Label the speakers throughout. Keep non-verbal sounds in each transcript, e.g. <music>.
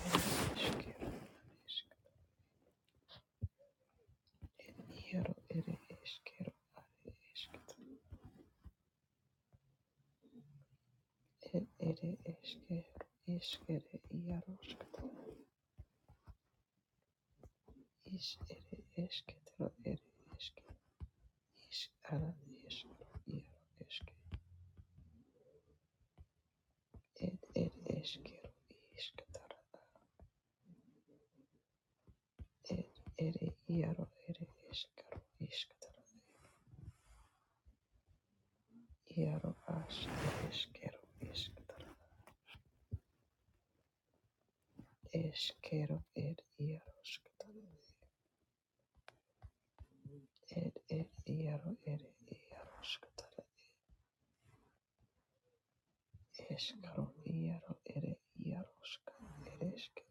Speaker 1: Eskero, isk, iero, ere, eskero, are, esket, er, ere, eskero, eskere, iaroskot, is, ere, esketero, ere, eske, is, ara, eskero, iero, eske, ed, ere, eskero, isketara, ed, ere, iero, ere, eskero, isketara, iero, as, eskero, isketara, eskero, ed, iaroskotara, Ed ed iaro ere iaroskatara eskaro iaro ere iaroska ereske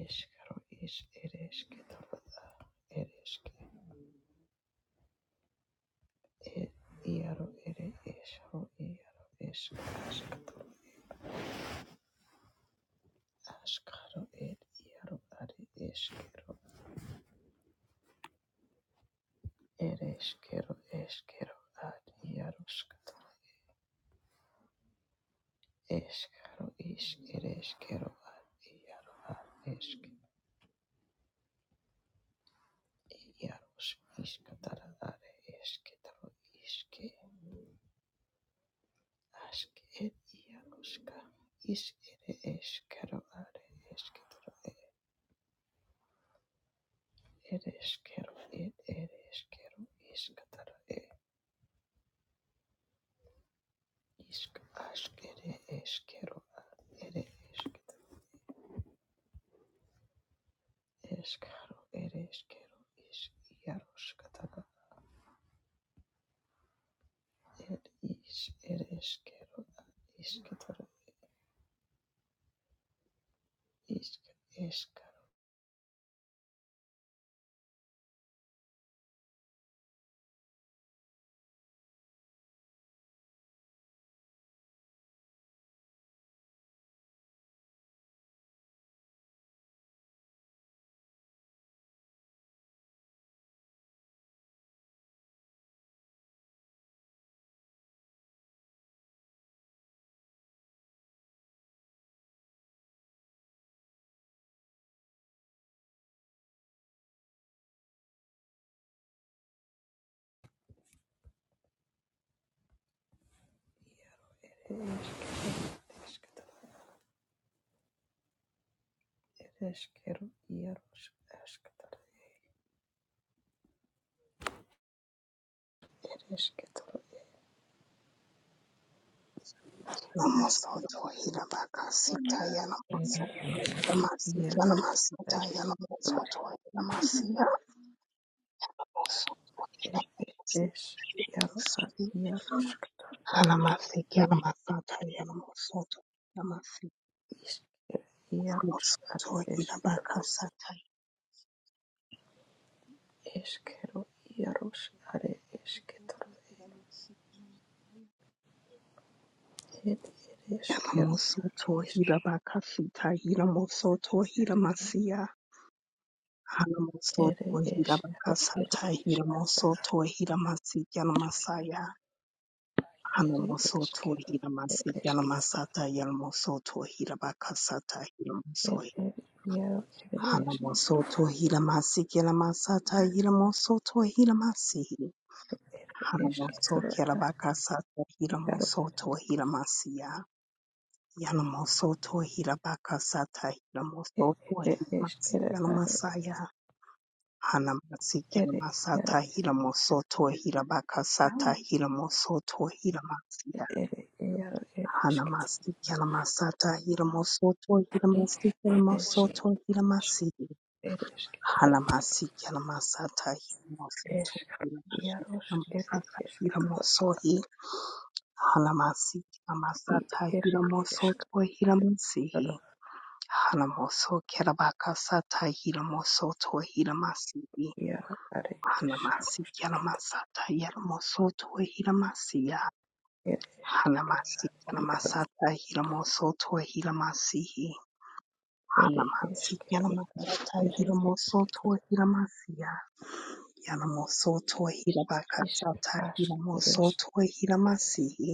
Speaker 1: eskaro is ereske tarada ereske ed iaro ere eskaro iaro eske askaro ed iaro are eskero ereskero eskero ad iaroskatara eskaro is ereskero ad iaro ad eske Jaros iškatarare eskitaro iske aske et jaroska is ere eskero are eskitaro ere eskero et ere eskero iskatara e isk ask ere eskero are ere eskitaro eskaro ere eskero is jaroskatara et is ere eskero iskatara isk eskaro ere eskero ereshkigal ieros esketor eresketor
Speaker 2: Namosoto hiramakasita yanamosoto hiramasiya
Speaker 1: ieros
Speaker 2: namasita yanamosoto hiramasiya namosoto
Speaker 1: eres
Speaker 2: hiramakasita
Speaker 1: iero ar
Speaker 2: yanamosoto
Speaker 1: ierosketor eresk
Speaker 2: hanamasiya namasata yanamosoto hiramasiya
Speaker 1: isker ieros ar
Speaker 2: namosoto
Speaker 1: esk
Speaker 2: hiramakasata yanamosoto
Speaker 1: eskero ieros ar esketor ed ereskero isk
Speaker 2: hiramakasita yanamosoto hiramasiya
Speaker 1: ere
Speaker 2: Hanamosoto
Speaker 1: eskero ere
Speaker 2: Hiramakasatai
Speaker 1: esk
Speaker 2: Hiramosoto Hiramasikyan Masaya
Speaker 1: ere
Speaker 2: Hanamosoto
Speaker 1: eskero ere
Speaker 2: Hiramasikyan
Speaker 1: esketor
Speaker 2: Masata Yalmosoto Hirabakasata
Speaker 1: ed
Speaker 2: Hiramosoi
Speaker 1: er iero ere esk
Speaker 2: Hanamosoto Hiramasikyan Masata Hiramosoto Hiramasi
Speaker 1: ere
Speaker 2: Hanamoso
Speaker 1: esketor ar
Speaker 2: Kirabakasata
Speaker 1: iero
Speaker 2: Hiramosoto Hiramasiya Yanamosoto Hirabakasata Hiramosoto
Speaker 1: ere eskero
Speaker 2: Hiramasikyan
Speaker 1: ar
Speaker 2: Masaya Hanamasiki
Speaker 1: Ere, yara,
Speaker 2: Masata Hilamosoto Hilabaka Sata Hilamosoto Hilamasiya
Speaker 1: ere, yara, ere, eskitaro,
Speaker 2: Hanamasiki Masata Hilamosoto Hilamasiki
Speaker 1: es,
Speaker 2: Mosoto Hilamasi
Speaker 1: ere, eskitaro,
Speaker 2: Hanamasiki Masata Hilamosoto
Speaker 1: esk,
Speaker 2: Hilamasi
Speaker 1: yaros, ere,
Speaker 2: Masata
Speaker 1: eskitaro,
Speaker 2: Hilamosohi Hanamasiki
Speaker 1: id,
Speaker 2: Masata
Speaker 1: ere, esk,
Speaker 2: Hilamosoto
Speaker 1: are, yara,
Speaker 2: Hilamasihi Hanamoso Kerabaka Sata Hilamosoto Hilamasihi
Speaker 1: yara, are, esaros,
Speaker 2: Hanamasiya
Speaker 1: kita,
Speaker 2: Namasata Yalamosoto Hilamasiya
Speaker 1: ere, esk,
Speaker 2: Hanamasiya
Speaker 1: yara,
Speaker 2: Namasata Hilamosoto Hilamasihi
Speaker 1: ere,
Speaker 2: Hanamasiya
Speaker 1: eskero,
Speaker 2: Namasata
Speaker 1: ere, eskitaro,
Speaker 2: Hilamosoto Hilamasiya Yalamosoto
Speaker 1: isk,
Speaker 2: Hilabakasata
Speaker 1: ask, ere, esk,
Speaker 2: Hilamosoto Hilamasihi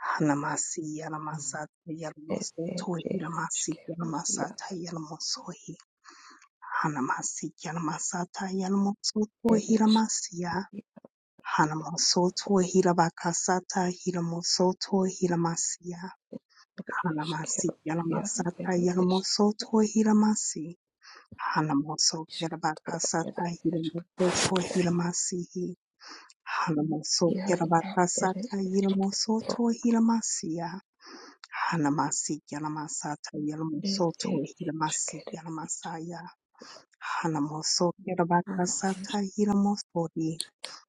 Speaker 2: Hanamasiya Namasata
Speaker 1: ed, ed,
Speaker 2: Yalamosoto
Speaker 1: ere,
Speaker 2: Hilamasiya
Speaker 1: eskero, yara,
Speaker 2: Namasata Yalamosohi Hanamasiya Namasata Yalamosoto
Speaker 1: ere, esk,
Speaker 2: Hilamasiya Hanamosoto Hilabakasata Hilamosoto Hilamasia
Speaker 1: ere,
Speaker 2: Hanamasi
Speaker 1: eskero, yara,
Speaker 2: Yalamasata
Speaker 1: ere, esk,
Speaker 2: Yalamosoto Hilamasi Hanamoso
Speaker 1: iskataro, ere,
Speaker 2: Kilabakasata
Speaker 1: esk,
Speaker 2: Hilamosoto Hilamasihi Hanamoso
Speaker 1: Iaro a ere
Speaker 2: Kilabakasata Hilamosoto Hilamasia Hanamasi Yalamasata
Speaker 1: ed
Speaker 2: Yalamosoto
Speaker 1: ed
Speaker 2: Hilamasi
Speaker 1: eskere
Speaker 2: Yalamasaya Hanamoso Kilabakasata Hilamosoto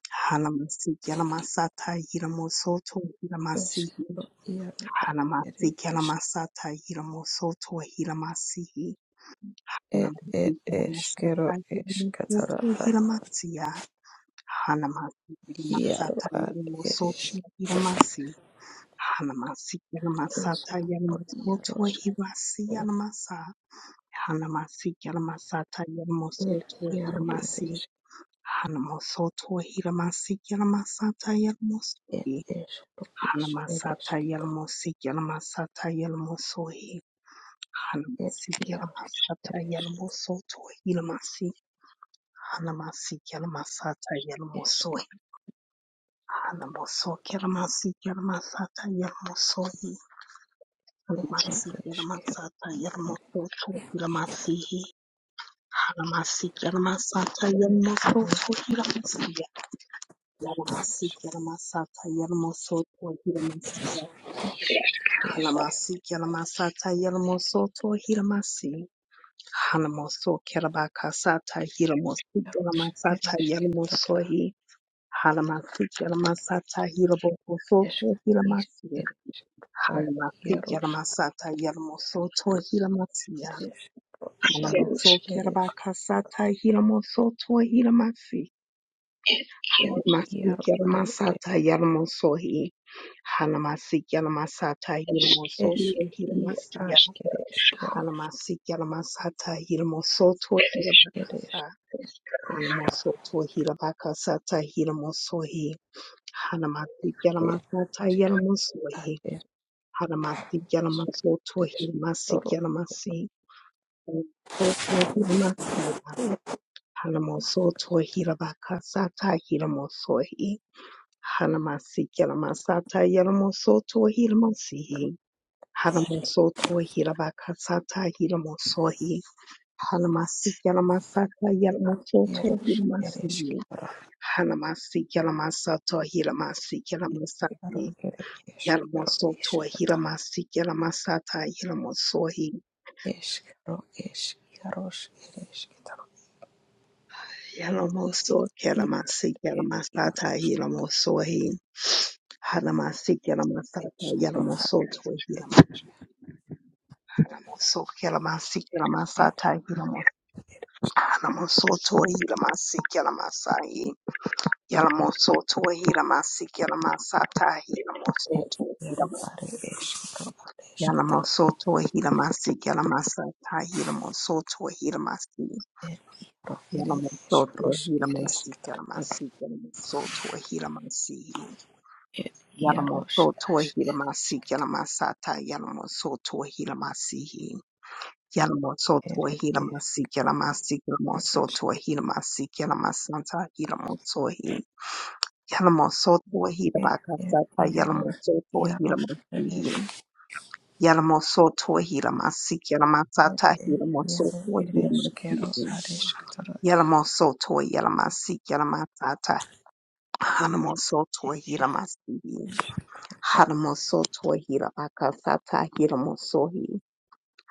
Speaker 2: Halamasi Yalamasata Hilamosoto
Speaker 1: iskana
Speaker 2: Hilamasihi
Speaker 1: eskero iaro a ere
Speaker 2: Halamasi
Speaker 1: esk
Speaker 2: Yalamasata Hilamosoto Hilamasihi
Speaker 1: ed ed
Speaker 2: Halamasi
Speaker 1: eskero
Speaker 2: Yalamasata
Speaker 1: eskatara
Speaker 2: Hilamosoto
Speaker 1: a
Speaker 2: Hilamasiya Halamasi
Speaker 1: iaro
Speaker 2: Yalamasata
Speaker 1: a ere esk
Speaker 2: Hilamosoto Hilamasi Halamasi Yalamasata
Speaker 1: eskero iaro
Speaker 2: Hilamosoto
Speaker 1: esk
Speaker 2: Hilamasi Yalamasa Halamasi Yalamasata
Speaker 1: ed
Speaker 2: Hilamosoto
Speaker 1: iaro ere
Speaker 2: Hilamasi
Speaker 1: esk
Speaker 2: Hanamosoto Hilamasi Yalamasata
Speaker 1: ed
Speaker 2: Hilamosoto
Speaker 1: eskero is ere
Speaker 2: Hanamasata
Speaker 1: esketo
Speaker 2: Yelmosi Yelmasata Yelmosoi
Speaker 1: ed
Speaker 2: Hanamasi
Speaker 1: iaro
Speaker 2: Yelmasata
Speaker 1: ere esketo
Speaker 2: Yelmosoto Yelmasi Hanamasi Yelmasata
Speaker 1: esk
Speaker 2: Yelmosoi Hanamoso Yelmasi Yelmasata Yelmosoi
Speaker 1: ed
Speaker 2: Hanamasi
Speaker 1: ed eskero
Speaker 2: Yelmasata
Speaker 1: ere
Speaker 2: Yelmosoto
Speaker 1: esk
Speaker 2: Yelmasi Hanamasi Yelmasata
Speaker 1: ed ere
Speaker 2: Yelmosoto Yelmasi Yelmasi
Speaker 1: esk
Speaker 2: Yelmasata Yelmosoto Yelmasi
Speaker 1: isk ere esk
Speaker 2: Halamasi kelamasata yelamosoto hilamasi. Halamoso kelabakasata hilamosi
Speaker 1: iaro esk ere
Speaker 2: kelamasata
Speaker 1: esketo
Speaker 2: yelamosohi. Halamasi kelamasata hilabokosoto
Speaker 1: Escuchar,
Speaker 2: hilamasi.
Speaker 1: escuchar,
Speaker 2: Halamasi
Speaker 1: hieros,
Speaker 2: kelamasata yelamosoto hilamasi.
Speaker 1: eres, ro
Speaker 2: Halamoso
Speaker 1: hieros, eres,
Speaker 2: kelabakasata hilamosoto hilamasi. Halamasi
Speaker 1: hieros, al,
Speaker 2: kelamasata yelamosohi. Halamasi kelamasata
Speaker 1: es,
Speaker 2: yelamosoto
Speaker 1: y
Speaker 2: hilamasi.
Speaker 1: a, eres, queros,
Speaker 2: Halamasiki Alamasata Hilamosoto
Speaker 1: eres,
Speaker 2: Hilabakasa
Speaker 1: es,
Speaker 2: Halamosoto Hilabakasata Hilamosohi Halamasiki
Speaker 1: eres,
Speaker 2: Alamasata Hilamosohi Halamasiki
Speaker 1: eres,
Speaker 2: Alamasoto
Speaker 1: eres,
Speaker 2: Hilamasiki
Speaker 1: toro,
Speaker 2: Alamasi Soto Hilamasila Halamosoto Hilabakasata Hilamosohi Halamasiki Alamasata Hilamosoto Hilamasihi Halamosoto Hilabakasata Hilamosohi Halamasi Yalamasata Yalamosoto
Speaker 1: hieros, eres,
Speaker 2: Hilamasi
Speaker 1: quero,
Speaker 2: Halamasi Yalamasato Hilamasi
Speaker 1: hiero,
Speaker 2: Yalamasati
Speaker 1: eres, es, quero,
Speaker 2: Yalamosoto
Speaker 1: iscata,
Speaker 2: Hilamasi Yalamasata Hilamosohi
Speaker 1: es, quero, es, hieros, eres, quetaro,
Speaker 2: Yalamoso
Speaker 1: id,
Speaker 2: Yalamasi
Speaker 1: ed,
Speaker 2: Yalamasata
Speaker 1: hieros,
Speaker 2: Hilamosohi Halamasi
Speaker 1: es,
Speaker 2: Yalamasata
Speaker 1: quero,
Speaker 2: Yalamosoto Hilamoso Yalamasi
Speaker 1: ed,
Speaker 2: Yalamasata Hilamosohi Halamosoto Hilamasi Yalamasai Yalamosoto Hilamasik Yalamasata
Speaker 1: ed,
Speaker 2: Hilamosoto
Speaker 1: hieros,
Speaker 2: Hilam-
Speaker 1: are, es, quero,
Speaker 2: Yalamosoto Hilamasik Yalamasata Hilamosoto Hilamasi
Speaker 1: er íro eres
Speaker 2: Yalamosoto
Speaker 1: ros
Speaker 2: Hilamasik
Speaker 1: eresketar er
Speaker 2: Yalamasik Yalamosoto Hilamasi
Speaker 1: er iaros
Speaker 2: Yalamosoto
Speaker 1: as
Speaker 2: Hilamasik
Speaker 1: eresketar
Speaker 2: Yalamasata Yalamosoto Hilamasi Yalamosoto
Speaker 1: eres er
Speaker 2: Hilamasik
Speaker 1: ro
Speaker 2: Yalamasik Yalamosoto
Speaker 1: eresk
Speaker 2: Hilamasik Yalamasata Hilamosohi Yalamo Yalamoso
Speaker 1: er er
Speaker 2: Tohitabakasata
Speaker 1: iaros
Speaker 2: Yalamoso
Speaker 1: iaros eres
Speaker 2: Tohitamasihi. Yalamoso Tohitamasik
Speaker 1: er
Speaker 2: Yalamasata
Speaker 1: er
Speaker 2: Hilamoso
Speaker 1: iaro eres kero
Speaker 2: Tohitamasihi.
Speaker 1: ares aresketar
Speaker 2: Yalamoso Toy Yalamasik Yalamasata Hanamoso
Speaker 1: er
Speaker 2: Tohitamasihi. Hanamoso Tohitabakasata Hilamosohi.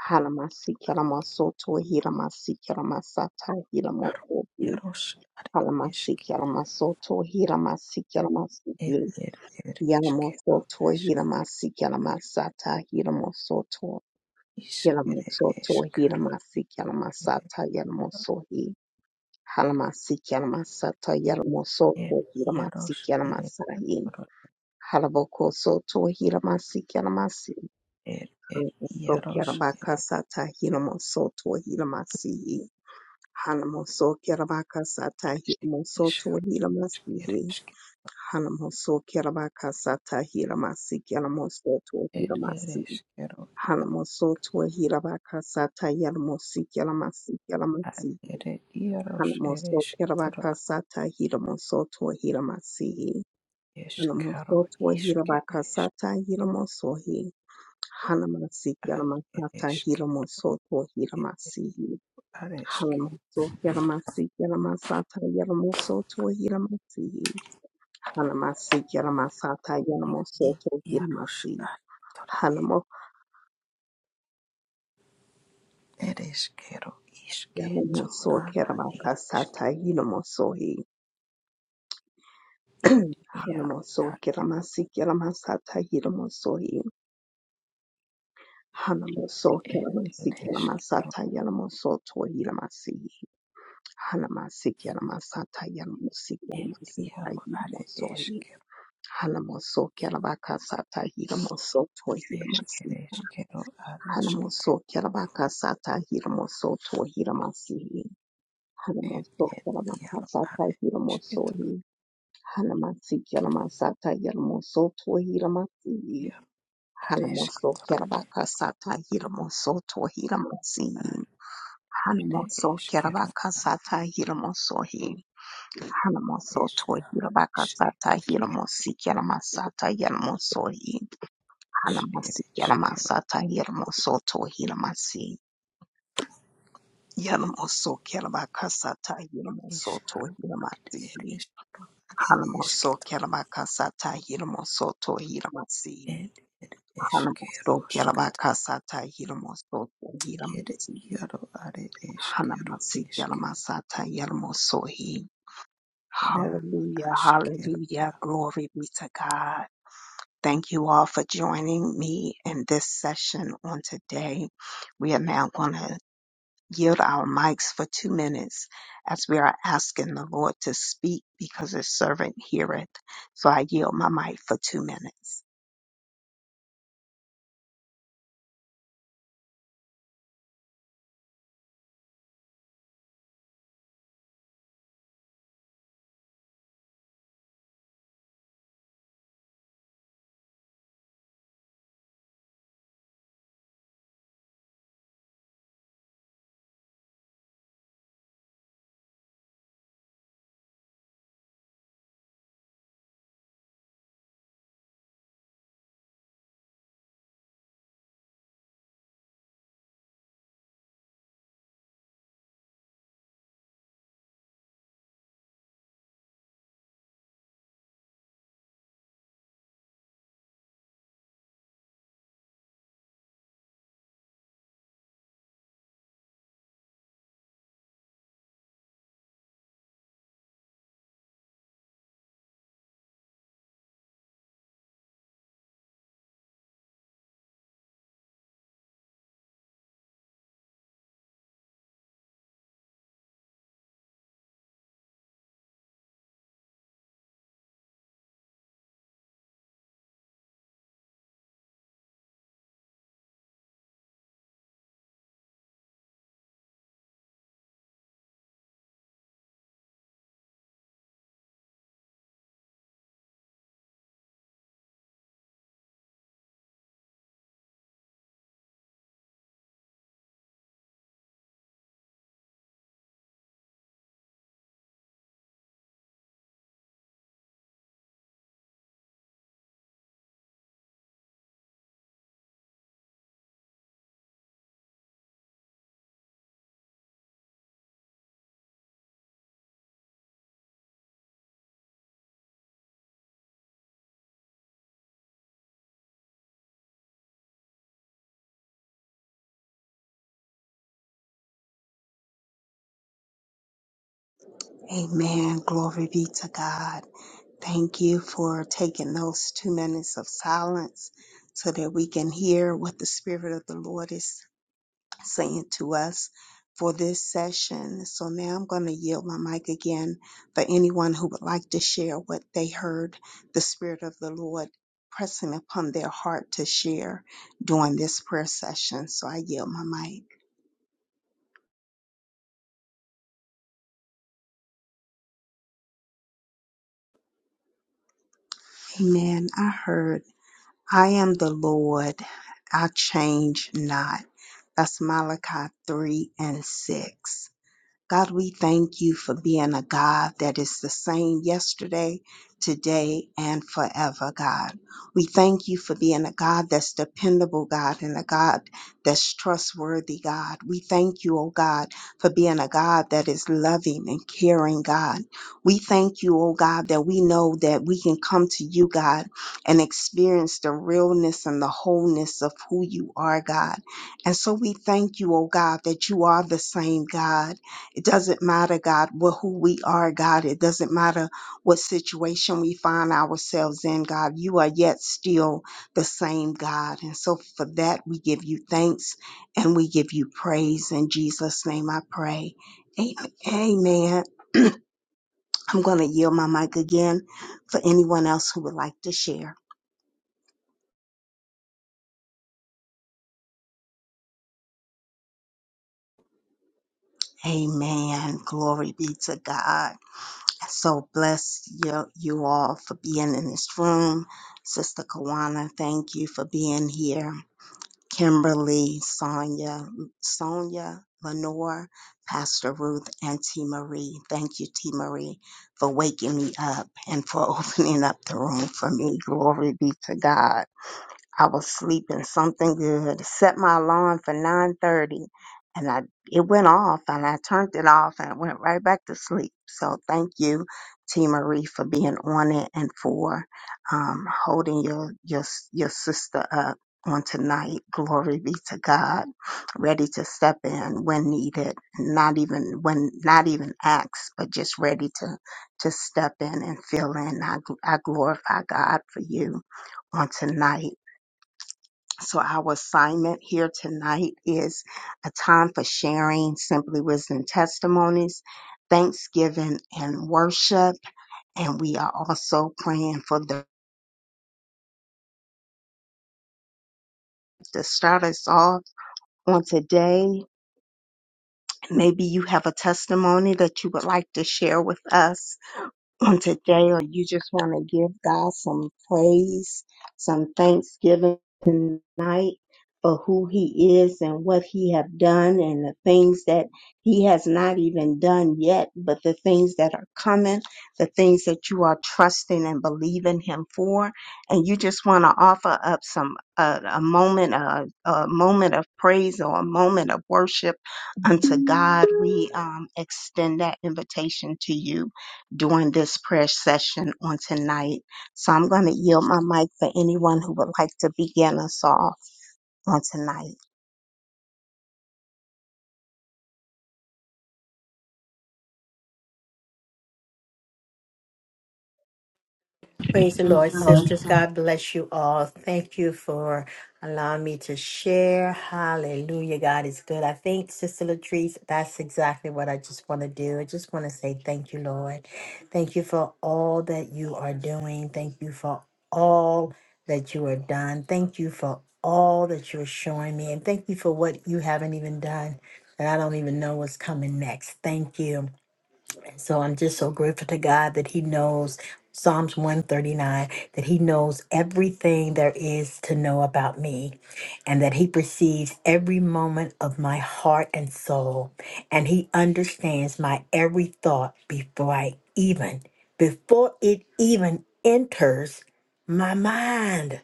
Speaker 2: Hanamasik Yalamoso Tohitamasik Yalamasata
Speaker 1: ro
Speaker 2: Hilamosohi.
Speaker 1: iaros esk
Speaker 2: Halamasik Yalamaso Tohitamasik
Speaker 1: er
Speaker 2: Yalamasihi.
Speaker 1: er ereskero
Speaker 2: Yalamosoto
Speaker 1: esk
Speaker 2: Hiramasi Yalamasata Hiramosoto
Speaker 1: is er es
Speaker 2: Yalamosoto
Speaker 1: iro
Speaker 2: Hiramasi Yalamasata Yalamosohi Halamasi Yalamasata
Speaker 1: er
Speaker 2: Yalamosoto Hiramasi
Speaker 1: iaros
Speaker 2: Yalamasahi
Speaker 1: eresketar
Speaker 2: Halaboko Soto Hiramasi Yalamasi
Speaker 1: er er
Speaker 2: Halamoko
Speaker 1: iaros
Speaker 2: Yarabaka Sata Hiramosoto Hiramasi Halamoso Yarabaka Sata
Speaker 1: eres
Speaker 2: Hiramosoto Hiramasihi
Speaker 1: Ereshkigal,
Speaker 2: Hanamoso Kirabakasa Tahiramasi Kilamoso to Hiramasi.
Speaker 1: ereshkero, iaro,
Speaker 2: Hanamoso to Hirabakasa Tayalamosi Kilamasi
Speaker 1: ad,
Speaker 2: Kilamasi.
Speaker 1: ere, iaros,
Speaker 2: Hanamoso
Speaker 1: ereshkitoro,
Speaker 2: Kirabakasa Tahiramoso to Hiramasi.
Speaker 1: eskaro,
Speaker 2: Hanamoso to
Speaker 1: ishke,
Speaker 2: Hirabakasa
Speaker 1: esh-
Speaker 2: Tahiramoso he. Hanamasi Kilamasata
Speaker 1: ereshke,
Speaker 2: Hiramoso to
Speaker 1: eresh,
Speaker 2: Hiramasi.
Speaker 1: areshke,
Speaker 2: Hanamoso Kilamasi Kilamasata Yalamoso to Hiramasi. Hanamasi Yaramasata
Speaker 1: i,
Speaker 2: Yanamosoto
Speaker 1: iaros,
Speaker 2: Yanamasi
Speaker 1: asketoro, i,
Speaker 2: Hanamo
Speaker 1: ereshkero, ishke,
Speaker 2: Yanamoso
Speaker 1: torana, ereshke,
Speaker 2: Keramakasata Yanamosohi
Speaker 1: iaro,
Speaker 2: Hanamoso
Speaker 1: ad,
Speaker 2: Keramasi Yaramasata Yanamosohi Hanamoso
Speaker 1: ed,
Speaker 2: Keramasi
Speaker 1: ereshkero,
Speaker 2: Yaramasata Yanamosoto Yanamasi Hanamasi Yaramasata Yanamosi
Speaker 1: ed,
Speaker 2: Yaramasata
Speaker 1: iaro, are,
Speaker 2: Yanamosohi
Speaker 1: eshkero,
Speaker 2: Hanamoso Kerabakasata Yanamosoto
Speaker 1: ed,
Speaker 2: Yanamasi
Speaker 1: ereshkero, areshke,
Speaker 2: Hanamoso Kerabakasata Yanamosoto Yanamasi
Speaker 1: ed,
Speaker 2: Hanamaso
Speaker 1: ed, iaro, are,
Speaker 2: Yalamakasata
Speaker 1: eshketoro,
Speaker 2: Hilamosohi. Hanamasi Yalamasata Hilamoso Hilamasi.
Speaker 1: iaro,
Speaker 2: Hanamoso
Speaker 1: areshketoro,
Speaker 2: Yalabakasata Hilamoso Hilamasi.
Speaker 1: ere
Speaker 2: Hanamoso
Speaker 1: eskero
Speaker 2: Yalabakasata Hilamosohi. Hanamoso
Speaker 1: es is
Speaker 2: Yalabakasata
Speaker 1: ere
Speaker 2: Hilamosi Yalamasata Yalamosohi.
Speaker 1: es
Speaker 2: Hanamasi
Speaker 1: ere eskero
Speaker 2: Yalamasata Hilamoso Hilamasi. Yalamoso Yalabakasata
Speaker 1: is
Speaker 2: Hilamoso
Speaker 1: harut ere
Speaker 2: Hilamasi.
Speaker 1: eskero are
Speaker 2: Hanamoso
Speaker 1: esketoro
Speaker 2: Kelabakasata Hilamosoto Hilamasi.
Speaker 1: en ere eskero
Speaker 2: Hanamoso
Speaker 1: skat
Speaker 2: Kelabakasata Hilamosoto
Speaker 1: ere
Speaker 2: Hilamasi.
Speaker 1: iaro are eskero
Speaker 2: Hanamasi
Speaker 1: iske
Speaker 2: Kelamasata Yelmosohi.
Speaker 1: inan
Speaker 2: Hallelujah,
Speaker 1: askero.
Speaker 2: hallelujah. Glory be to God. Thank you all for joining me in this session on today. We are now going to yield our mics for two minutes as we are asking the Lord to speak because his servant heareth. So I yield my mic for two minutes. Amen. Glory be to God. Thank you for taking those two minutes of silence so that we can hear what the Spirit of the Lord is saying to us for this session. So now I'm going to yield my mic again for anyone who would like to share what they heard the Spirit of the Lord pressing upon their heart to share during this prayer session. So I yield my mic. Amen. I heard, I am the Lord, I change not. That's Malachi 3 and 6. God, we thank you for being a God that is the same yesterday, today, and forever, God. We thank you for being a God that's dependable, God, and a God that's trustworthy, God. We thank you, oh God, for being a God that is loving and caring, God. We thank you, oh God, that we know that we can come to you, God, and experience the realness and the wholeness of who you are, God. And so we thank you, oh God, that you are the same God it doesn't matter, God, what, who we are, God. It doesn't matter what situation we find ourselves in, God. You are yet still the same, God. And so for that, we give you thanks and we give you praise. In Jesus' name I pray. Amen. Amen. <clears throat> I'm going to yield my mic again for anyone else who would like to share. Amen. Glory be to God. So bless you, you all for being in this room. Sister Kawana, thank you for being here. Kimberly, Sonia, Sonia, Lenore, Pastor Ruth, and T. Marie. Thank you, T. Marie, for waking me up and for <laughs> opening up the room for me. Glory be to God. I was sleeping something good. Set my alarm for 9:30 and I it went off and I turned it off and I went right back to sleep. So thank you, T Marie, for being on it and for um, holding your your your sister up on tonight. Glory be to God. Ready to step in when needed, not even when not even asked, but just ready to to step in and fill in. I gl- I glorify God for you on tonight. So our assignment here tonight is a time for sharing simply wisdom testimonies, thanksgiving and worship. And we are also praying for the to start us off on today. Maybe you have a testimony that you would like to share with us on today or you just want to give God some praise, some thanksgiving tonight for who he is and what he have done and the things that he has not even done yet, but the things that are coming, the things that you are trusting and believing him for. And you just want to offer up some, uh, a moment, uh, a moment of praise or a moment of worship unto God. We, um, extend that invitation to you during this prayer session on tonight. So I'm going to yield my mic for anyone who would like to begin us off on tonight.
Speaker 3: Praise the Lord, sisters. God bless you all. Thank you for allowing me to share. Hallelujah. God is good. I think, Sister Latrice, that's exactly what I just want to do. I just want to say thank you, Lord. Thank you for all that you are doing. Thank you for all that you are done. Thank you for all that you're showing me. And thank you for what you haven't even done. And I don't even know what's coming next. Thank you. So I'm just so grateful to God that He knows Psalms 139, that He knows everything there is to know about me, and that He perceives every moment of my heart and soul, and He understands my every thought before I even, before it even enters my mind.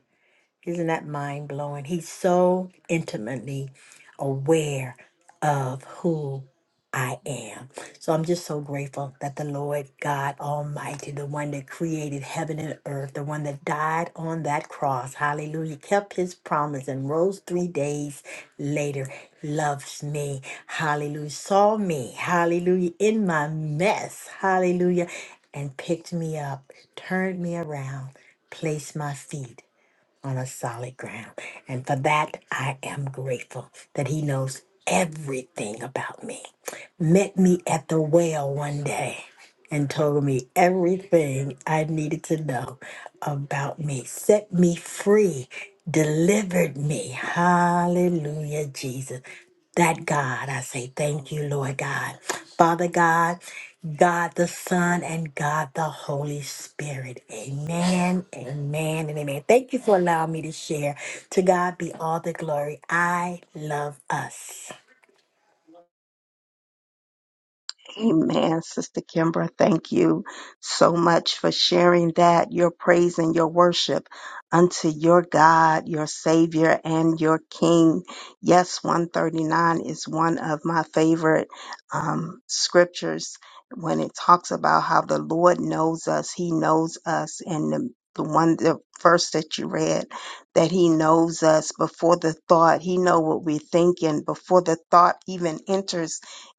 Speaker 3: Isn't that mind blowing? He's so intimately aware of who I am. So I'm just so grateful that the Lord God Almighty, the one that created heaven and earth, the one that died on that cross, hallelujah, kept his promise and rose three days later, loves me, hallelujah, saw me, hallelujah, in my mess, hallelujah, and picked me up, turned me around, placed my feet on a solid ground. And for that, I am grateful that He knows everything about me. Met me at the well one day and told me everything I needed to know about me, set me free, delivered me. Hallelujah, Jesus. That God, I say thank you, Lord God. Father God, God the Son, and God the Holy Spirit. Amen, amen, and amen. Thank you for allowing me to share. To God be all the glory. I love us.
Speaker 2: Amen, Sister Kimbra. Thank you so much for sharing that, your praise and your worship unto your God, your Savior, and your King. Yes, 139 is one of my favorite um, scriptures when it talks about how the Lord knows us. He knows us. And the, the one, the verse that you read, that He knows us before the thought. He know what we're thinking before the thought even enters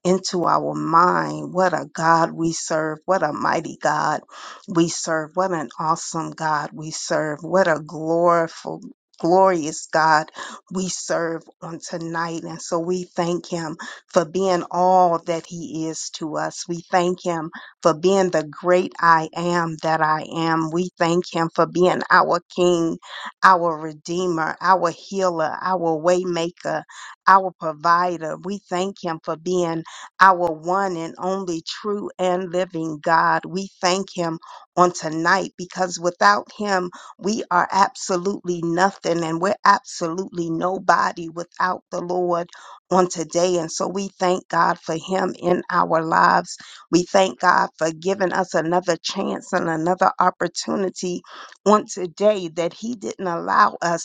Speaker 2: into our mind. What a God we serve. What a mighty God we serve. What an awesome God we serve. What a gloriful, glorious God we serve on tonight. And so we thank him for being all that he is to us. We thank him for being the great I am that I am. We thank him for being our King, our Redeemer, our Healer, our Waymaker, our Provider. We thank him for being our one and only true and living God. We thank him on tonight because without him, we are absolutely nothing and we're absolutely nobody without the Lord on today. And so we thank God for him in our lives. We thank God for giving us another chance and another opportunity on today that he didn't allow us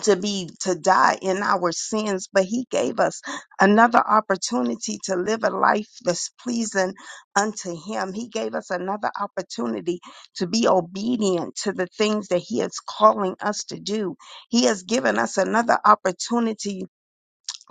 Speaker 2: to be to die in our sins, but he gave us another opportunity to live a life that's pleasing unto him. He gave us another opportunity to be obedient to the things that he is calling us to do. He has given us another opportunity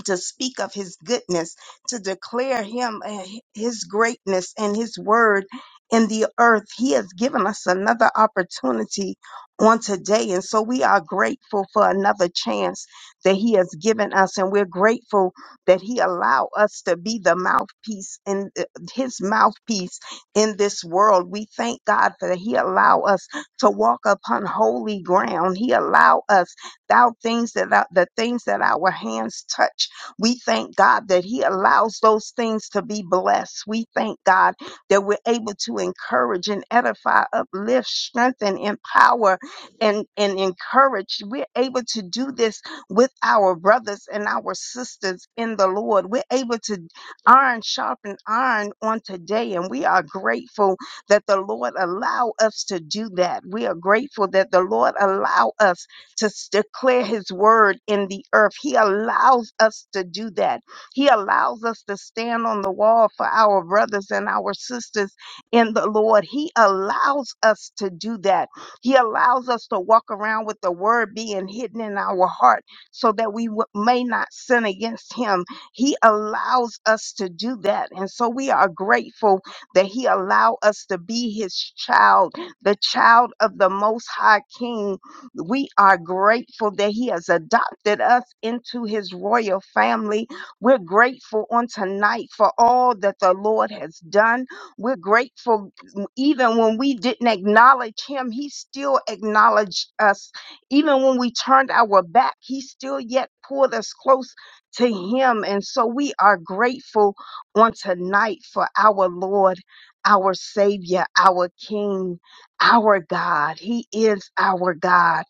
Speaker 2: to speak of his goodness, to declare him uh, his greatness and his word in the earth. He has given us another opportunity on today. And so we are grateful for another chance that he has given us. And we're grateful that he allow us to be the mouthpiece and his mouthpiece in this world. We thank God that he allow us to walk upon holy ground. He allow us thou things that thou, the things that our hands touch. We thank God that He allows those things to be blessed. We thank God that we're able to encourage and edify, uplift, strengthen, empower, and, and encourage. We're able to do this with our brothers and our sisters in the Lord. We're able to iron sharpen iron on today, and we are grateful that the Lord allow us to do that. We are grateful that the Lord allow us to s- declare his word in the earth. He allows us to do that. He allows us to stand on the wall for our brothers and our sisters in the Lord. He allows us to do that. He allows us to walk around with the word being hidden in our heart so that we w- may not sin against him. He allows us to do that. And so we are grateful that he allowed us to be his child, the child of the most high king we are grateful that He has adopted us into His royal family. We're grateful on tonight for all that the Lord has done. We're grateful even when we didn't acknowledge Him, He still acknowledged us. Even when we turned our back, He still yet pulled us close to Him. And so we are grateful on tonight for our Lord, our Savior, our King, our God. He is our God.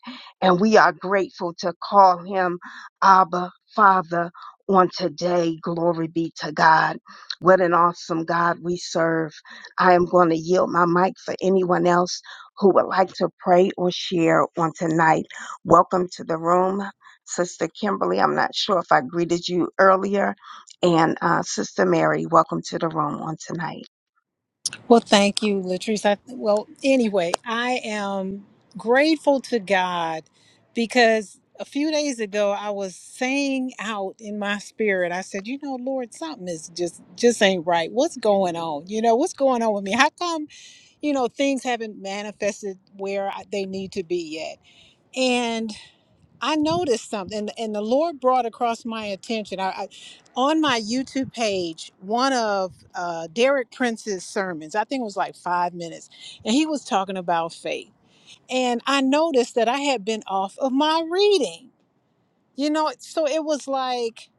Speaker 2: And we are grateful to call him Abba Father on today. Glory be to God. What an awesome God we serve. I am going to yield my mic for anyone else who would like to pray or share on tonight. Welcome to the room. Sister Kimberly, I'm not sure if I greeted you earlier. And uh, Sister Mary, welcome to the room on tonight.
Speaker 4: Well, thank you, Latrice. I, well, anyway, I am grateful to God because a few days ago I was saying out in my spirit, I said, you know, Lord, something is just just ain't right. What's going on? You know, what's going on with me? How come you know things haven't manifested where I, they need to be yet? I noticed something, and, and the Lord brought across my attention. I, I on my YouTube page, one of uh, Derek Prince's sermons. I think it was like five minutes, and he was talking about faith. And I noticed that I had been off of my reading. You know, so it was like,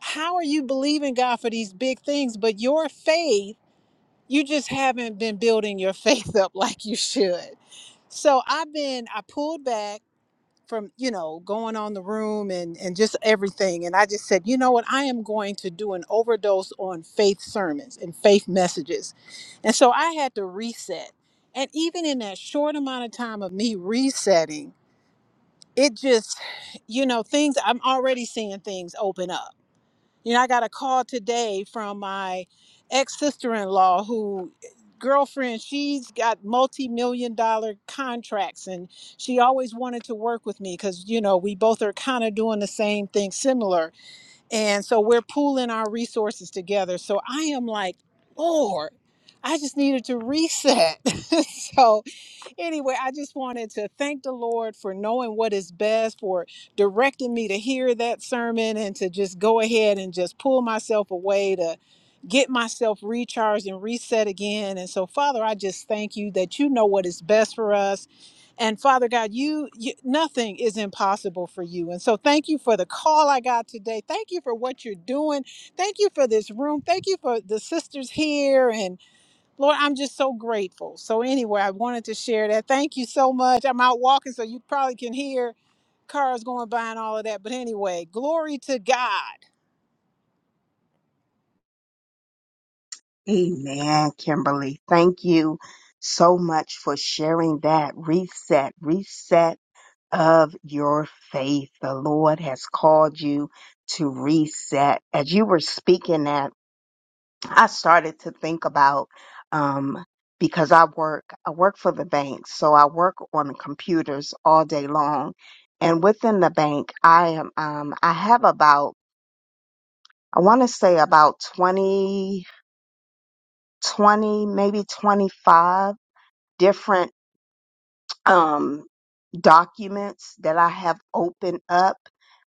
Speaker 4: how are you believing God for these big things, but your faith, you just haven't been building your <laughs> faith up like you should. So I've been, I pulled back from you know going on the room and and just everything and i just said you know what i am going to do an overdose on faith sermons and faith messages and so i had to reset and even in that short amount of time of me resetting it just you know things i'm already seeing things open up you know, I got a call today from my ex sister in law who girlfriend she's got multi-million dollar contracts and she always wanted to work with me because you know we both are kind of doing the same thing similar and so we're pooling our resources together so i am like lord i just needed to reset <laughs> so anyway, I just wanted to thank the Lord for knowing what is best, for directing me to hear that sermon and to just go ahead and just pull myself away to get myself recharged and reset again. And so, Father, I just thank you that you know what is best for us. And Father God, you, you nothing is impossible for you. And so thank you for the call I got today. Thank you for what you're doing. Thank you for this room. Thank you for the sisters here and. Lord, I'm just so grateful. So anyway, I wanted to share that. Thank you so much. I'm out walking, so you probably can hear cars going by and all of that. But anyway, glory to God.
Speaker 2: Amen, Kimberly. Thank you so much for sharing that reset, reset of your faith. The Lord has called you to reset. As you were speaking that, I started to think about, um, because I work, I work for the bank. So I work on the computers all day long. And within the bank, I am, um, I have about, I want to say about 20, 20, maybe 25 different um, documents that I have opened up.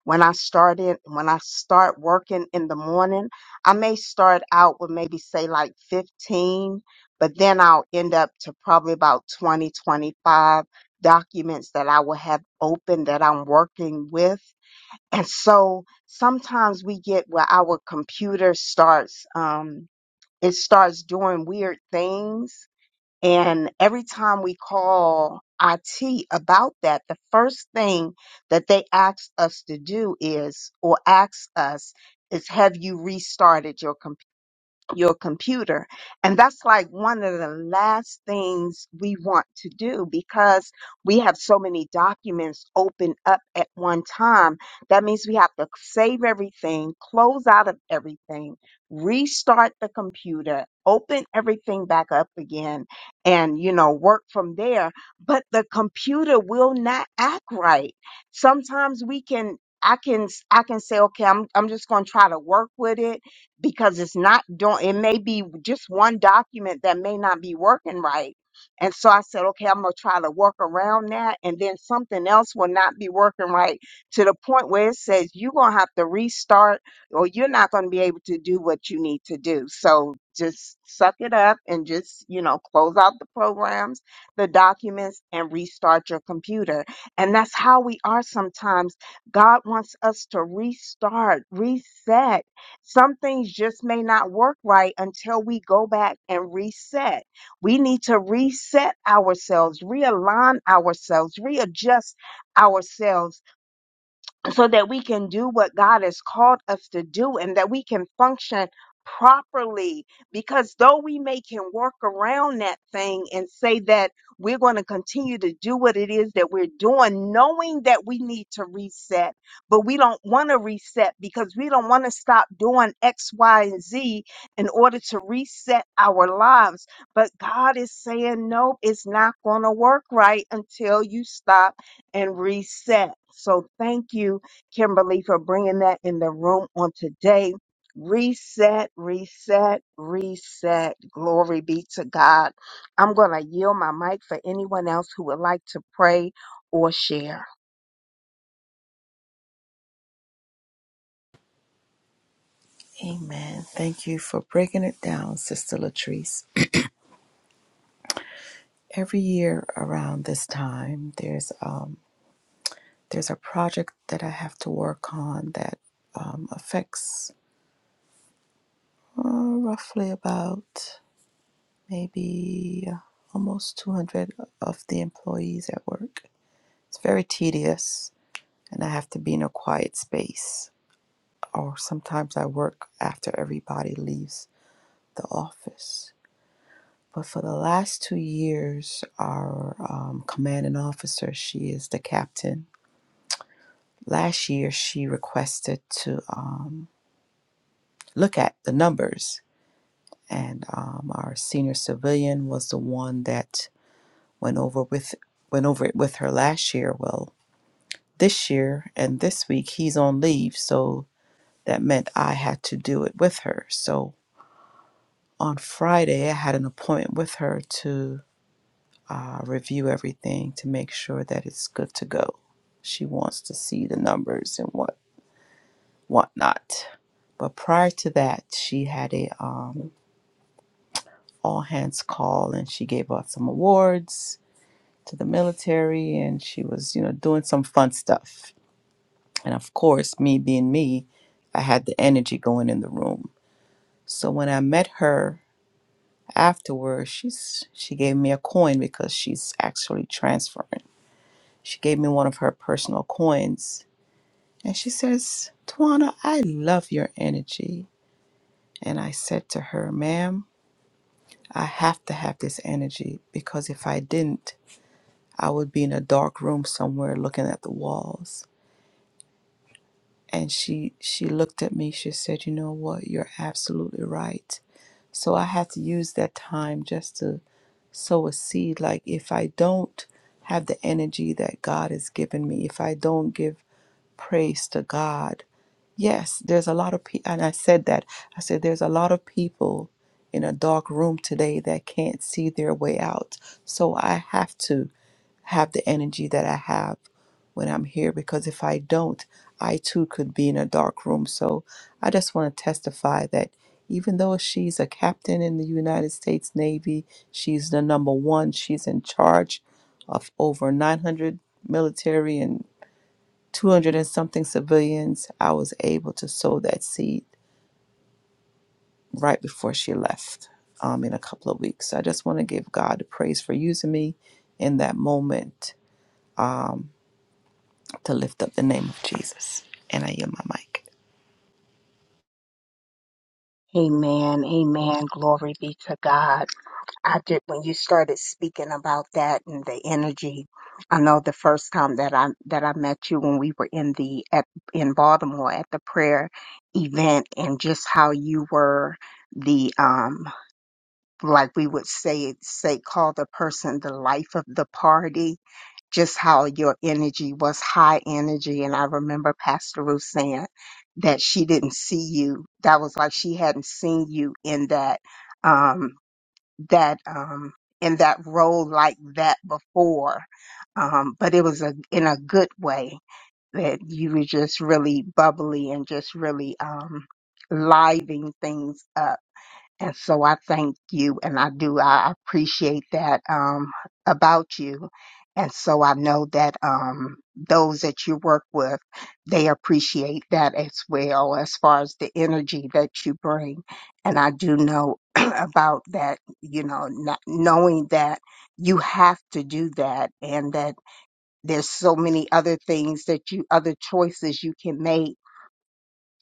Speaker 2: When I start in, when I start working in the morning, I may start out with maybe say like 15, but then I'll end up to probably about 20, 25 documents that I will have open that I'm working with. And so sometimes we get where our computer starts, um, it starts doing weird things and every time we call IT about that, the first thing that they ask us to do is, or ask us, is have you restarted your computer? your computer. And that's like one of the last things we want to do because we have so many documents open up at one time. That means we have to save everything, close out of everything, restart the computer, open everything back up again and, you know, work from there. But the computer will not act right. Sometimes we can I can I can say okay I'm I'm just going to try to work with it because it's not doing it may be just one document that may not be working right and so i said okay i'm going to try to work around that and then something else will not be working right to the point where it says you're going to have to restart or you're not going to be able to do what you need to do so just suck it up and just you know close out the programs the documents and restart your computer and that's how we are sometimes god wants us to restart reset some things just may not work right until we go back and reset. We need to reset ourselves, realign ourselves, readjust ourselves so that we can do what God has called us to do and that we can function properly. Because though we may can work around that thing and say that we're going to continue to do what it is that we're doing, knowing that we need to reset, but we don't want to reset because we don't want to stop doing X, Y, and Z in order to reset our lives. But God is saying, no, it's not going to work right until you stop and reset. So thank you Kimberly, for bringing that in the room on today. Reset, reset, reset. Glory be to God. I'm going to yield my mic for anyone else who would like to pray or share.
Speaker 1: Amen. Thank you for breaking it down, Sister Latrice. Every year around this time, there's um there's a project that I have to work on that um, affects uh, roughly about maybe uh, almost 200 of the employees at work. It's very tedious, and I have to be in a quiet space. Or sometimes I work after everybody leaves the office. But for the last two years, our um, commanding officer, she is the captain. Last year, she requested to um, look at the numbers, and um, our senior civilian was the one that went over with went over it with her last year. Well, this year and this week he's on leave so that meant i had to do it with her so on friday i had an appointment with her to uh, review everything to make sure that it's good to go she wants to see the numbers and what whatnot but prior to that she had a um, all hands call and she gave out some awards to the military and she was you know doing some fun stuff And of course, me being me, I had the energy going in the room. So when I met her afterwards, she's she gave me a coin because she's actually transferring. She gave me one of her personal coins and she says, "Tawana, I love your energy. And I said to her, ma'am, I have to have this energy because if I didn't, I would be in a dark room somewhere looking at the walls. And she she looked at me, she said, You know what, you're absolutely right So I have to use that time just to sow a seed. Like if I don't have the energy that God has given me, if I don't give praise to God, yes, there's a lot of people, and I said that. I said, there's a lot of people in a dark room today that can't see their way out. So I have to have the energy that I have when I'm here because if I don't, I too could be in a dark room. So I just want to testify that even though she's a captain in the United States Navy, she's the number one, she's in charge of over 900 military and 200 and something civilians. I was able to sow that seed right before she left um, in a couple of weeks. So I just want to give God the praise for using me in that moment. Um. to lift up the name of Jesus. And I yield my mic.
Speaker 2: Amen. Amen. Glory be to God. I did when you started speaking about that and the energy. I know the first time that I that I met you when we were in the at, in Baltimore at the prayer event and just how you were the um like we would say it say call the person the life of the party just how your energy was high energy and i remember pastor ruth saying that she didn't see you that was like she hadn't seen you in that um that um in that role like that before um but it was a in a good way that you were just really bubbly and just really um living things up and so I thank you and I do, I appreciate that, um, about you. And so I know that, um, those that you work with, they appreciate that as well as far as the energy that you bring. And I do know <clears throat> about that, you know, not knowing that you have to do that and that there's so many other things that you, other choices you can make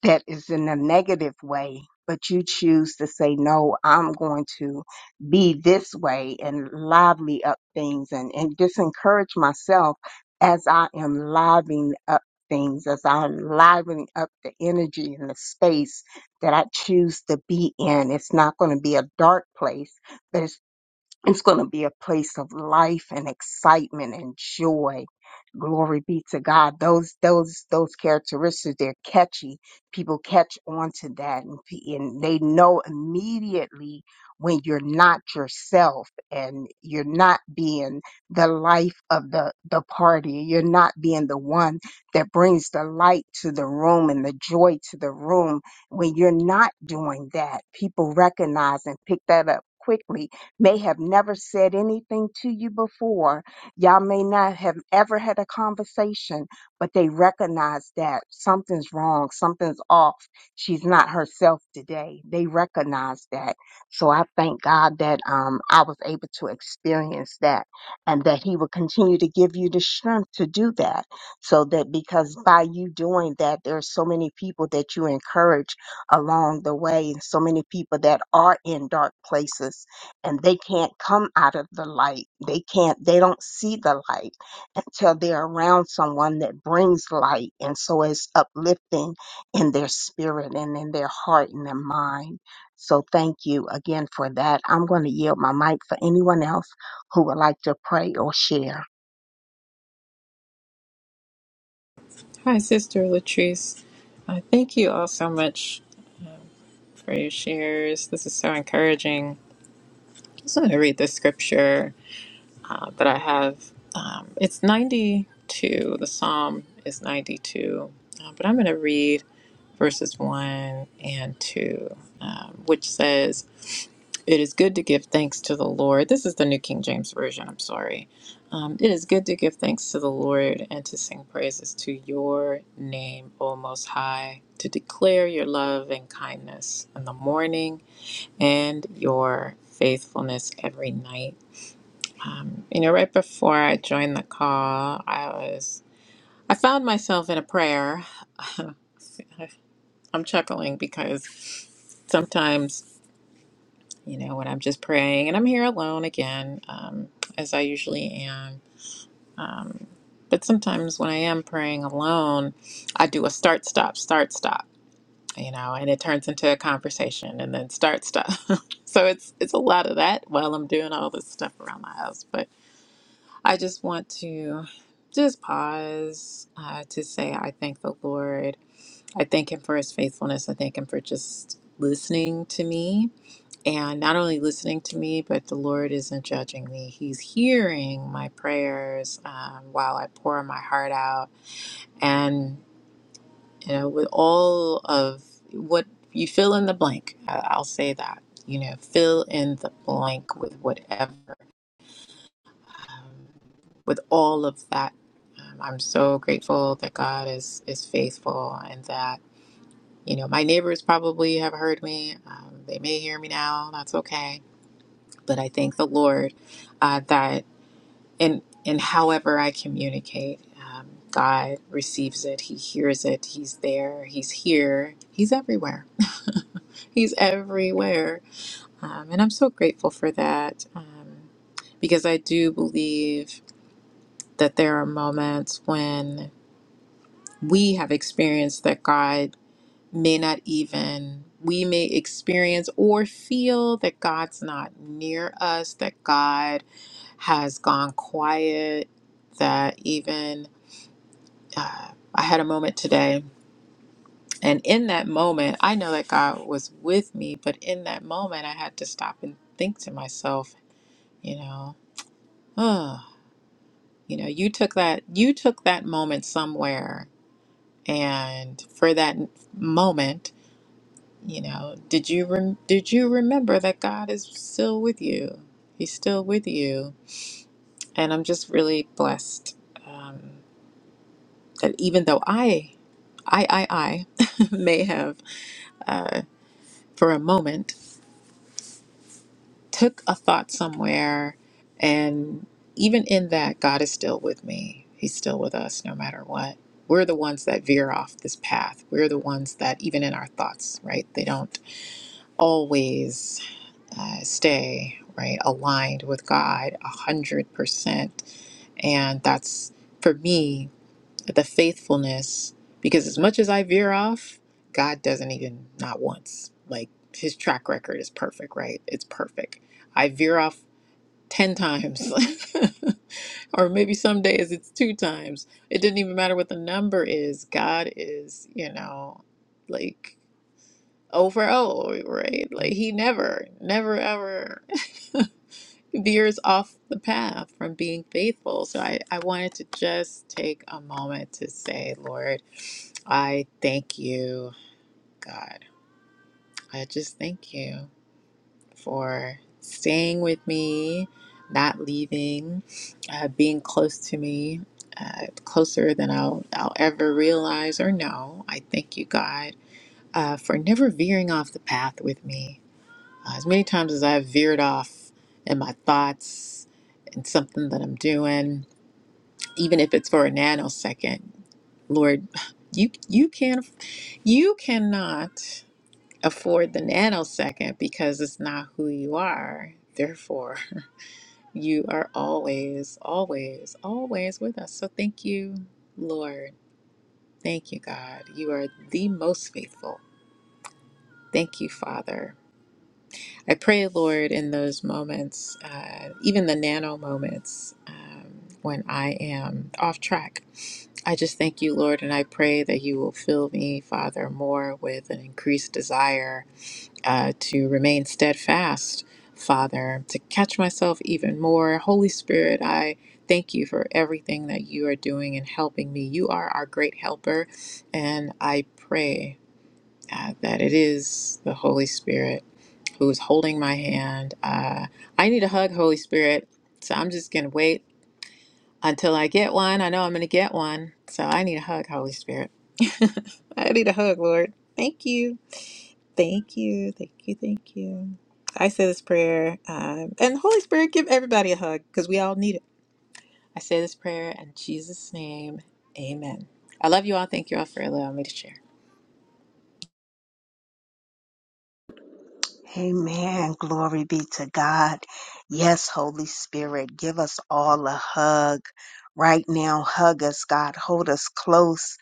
Speaker 2: that is in a negative way, but you choose to say, no, I'm going to be this way and lively up things and, and disencourage myself as I am livening up things, as I'm livening up the energy and the space that I choose to be in. It's not going to be a dark place, but it's. It's going to be a place of life and excitement and joy. Glory be to God. Those those those characteristics they're catchy. People catch on to that, and, pe- and they know immediately when you're not yourself and you're not being the life of the the party. You're not being the one that brings the light to the room and the joy to the room. When you're not doing that, people recognize and pick that up quickly may have never said anything to you before. Y'all may not have ever had a conversation, but they recognize that something's wrong, something's off. She's not herself today. They recognize that. So I thank God that um, I was able to experience that and that He will continue to give you the strength to do that. So that because by you doing that, there are so many people that you encourage along the way and so many people that are in dark places and they can't come out of the light. They can't, they don't see the light until they're around someone that brings light. And so it's uplifting in their spirit and in their heart and their mind. So thank you again for that. I'm going to yield my mic for anyone else who would like to pray or share.
Speaker 5: Hi, Sister Latrice. Uh, thank you all so much for your shares. This is so encouraging. I just want to read the scripture uh, that I have. Um, it's 92. The psalm is 92. Uh, but I'm going to read verses 1 and 2, um, which says, it is good to give thanks to the Lord. This is the New King James Version, I'm sorry. Um, it is good to give thanks to the Lord and to sing praises to your name, O Most High, to declare your love and kindness in the morning and your faithfulness every night. Um, you know, right before I joined the call, I was, I found myself in a prayer. <laughs> I'm chuckling because sometimes you know, when I'm just praying and I'm here alone again, um, as I usually am. Um, but sometimes when I am praying alone, I do a start, stop, start, stop, you know, and it turns into a conversation and then start, stop. <laughs> so it's, it's a lot of that while I'm doing all this stuff around my house. But I just want to just pause uh, to say, I thank the Lord. I thank Him for His faithfulness. I thank Him for just listening to me and not only listening to me, but the Lord isn't judging me. He's hearing my prayers um, while I pour my heart out, and you know, with all of what you fill in the blank, I- I'll say that. You know, fill in the blank with whatever, um, with all of that. Um, I'm so grateful that God is is faithful, and that you know my neighbors probably have heard me. Um, they may hear me now. That's okay but I thank the Lord uh, that in in however I communicate, um, God receives it. He hears it. He's there. He's here. He's everywhere. <laughs> He's everywhere, um, and I'm so grateful for that um, because I do believe that there are moments when we have experienced that God may not even. We may experience or feel that God's not near us, that God has gone quiet, that even uh, I had a moment today. And in that moment, I know that God was with me, but in that moment, I had to stop and think to myself, you know, oh, you know, you took that, you took that moment somewhere, and for that moment, you know, did you rem- did you remember that God is still with you? He's still with you, and I'm just really blessed. Um, that even though I, I, I, I <laughs> may have uh, for a moment took a thought somewhere, and even in that, God is still with me. He's still with us no matter what. We're the ones that veer off this path. We're the ones that, even in our thoughts, right? They don't always uh, stay right aligned with God a hundred percent, and that's for me. but the faithfulness because as much as I veer off, God doesn't even not once. Like his track record is perfect, right? It's perfect. I veer off 10 times <laughs> or maybe some days it's two times. It didn't even matter what the number is. God is, you know, like O for O, right? Like he never, never ever <laughs> veers off the path from being faithful. So I, I wanted to just take a moment to say, Lord, I thank you, God. I just thank you for staying with me, not leaving, uh, being close to me, uh, closer than I'll, I'll ever realize or know. I thank you, God, uh, for never veering off the path with me. Uh, as many times as I've veered off in my thoughts and something that I'm doing, even if it's for a nanosecond, Lord, <sighs> you you can you cannot. afford the nanosecond because it's not who you are. Therefore, <laughs> you are always, always, always with us. So thank you, Lord. Thank you, God. You are the most faithful. Thank you, Father. I pray, Lord, in those moments, uh, even the nano moments um, when I am off track, I just thank you, Lord, and I pray that you will fill me, Father, more with an increased desire uh, to remain steadfast, Father, to catch myself even more. Holy Spirit, I thank you for everything that you are doing and helping me. You are our great helper, and I pray uh, that it is the Holy Spirit who is holding my hand. Uh, I need a hug, Holy Spirit, so I'm just going to wait until I get one. I know I'm going to get one, so I need a hug, Holy Spirit. <laughs> I need a hug, Lord. Thank you. Thank you, thank you, thank you. I say this prayer, um, and Holy Spirit, give everybody a hug because we all need it. I say this prayer in Jesus' name, amen. I love you all. Thank you all for allowing me to share.
Speaker 2: Amen. Glory be to God. Yes, Holy Spirit, give us all a hug right now. Hug us, God. Hold us close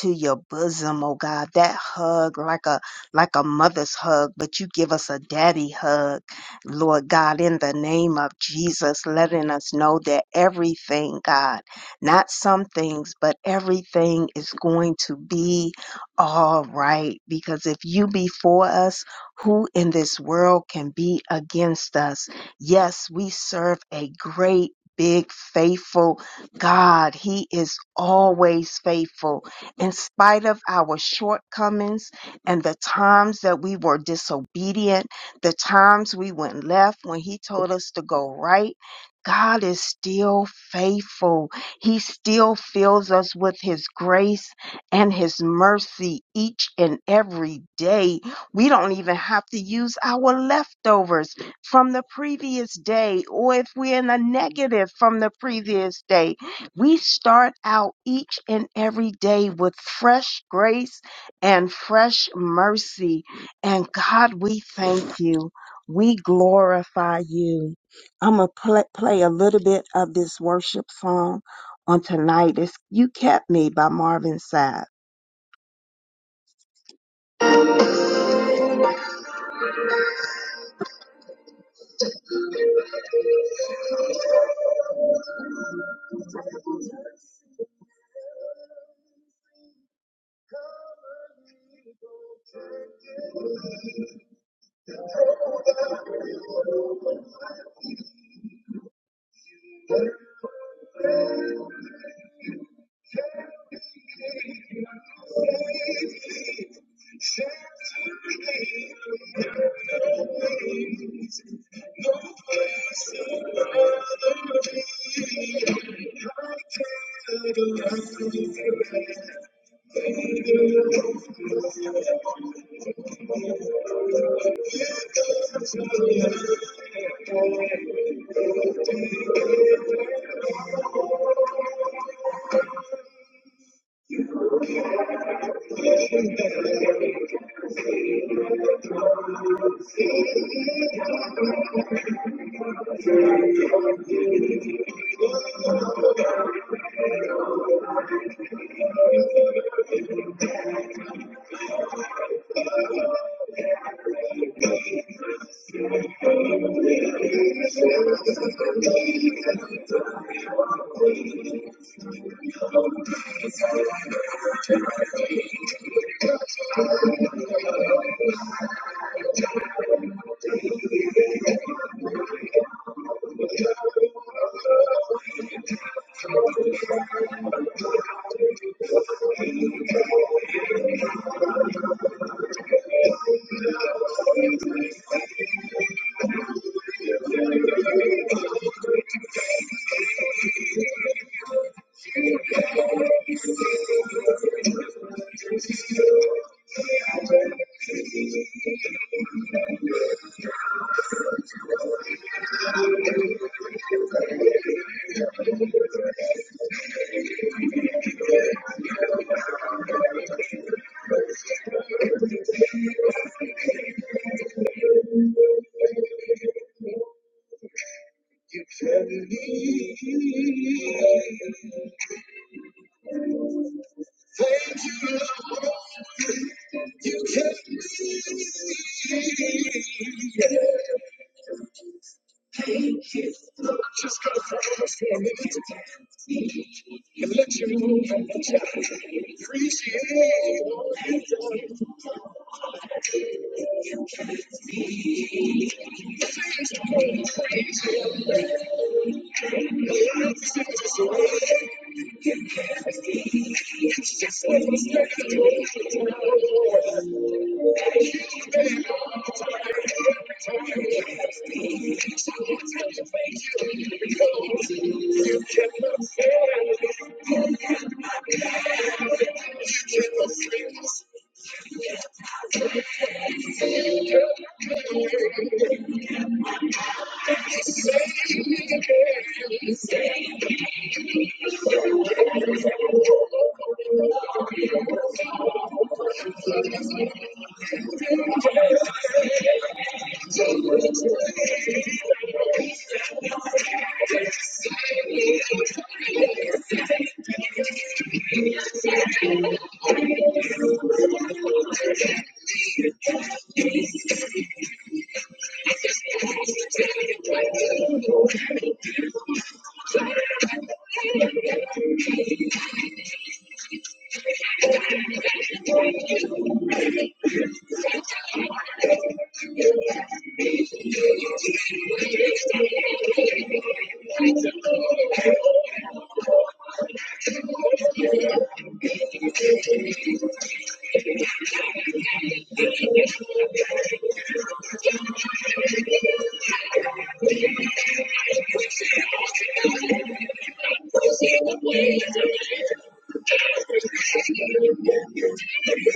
Speaker 2: to your bosom, oh God. That hug like a like a mother's hug, but you give us a daddy hug. Lord God, in the name of Jesus, letting us know that everything, God, not some things, but everything is going to be all right because if you be for us, who in this world can be against us? Yes, we serve a great, big, faithful God. He is always faithful. In spite of our shortcomings and the times that we were disobedient, the times we went left when He told us to go right, God is still faithful. He still fills us with His grace and His mercy each and every day. We don't even have to use our leftovers from the previous day, or if we're in a negative from the previous day. We start out each and every day with fresh grace and fresh mercy. And God, we thank you. We glorify you. I'm going to play, play a little bit of this worship song on tonight. It's You Kept Me by Marvin Sapp. <laughs> Amen.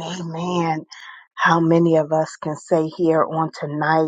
Speaker 2: Amen. How many of us can say here on tonight?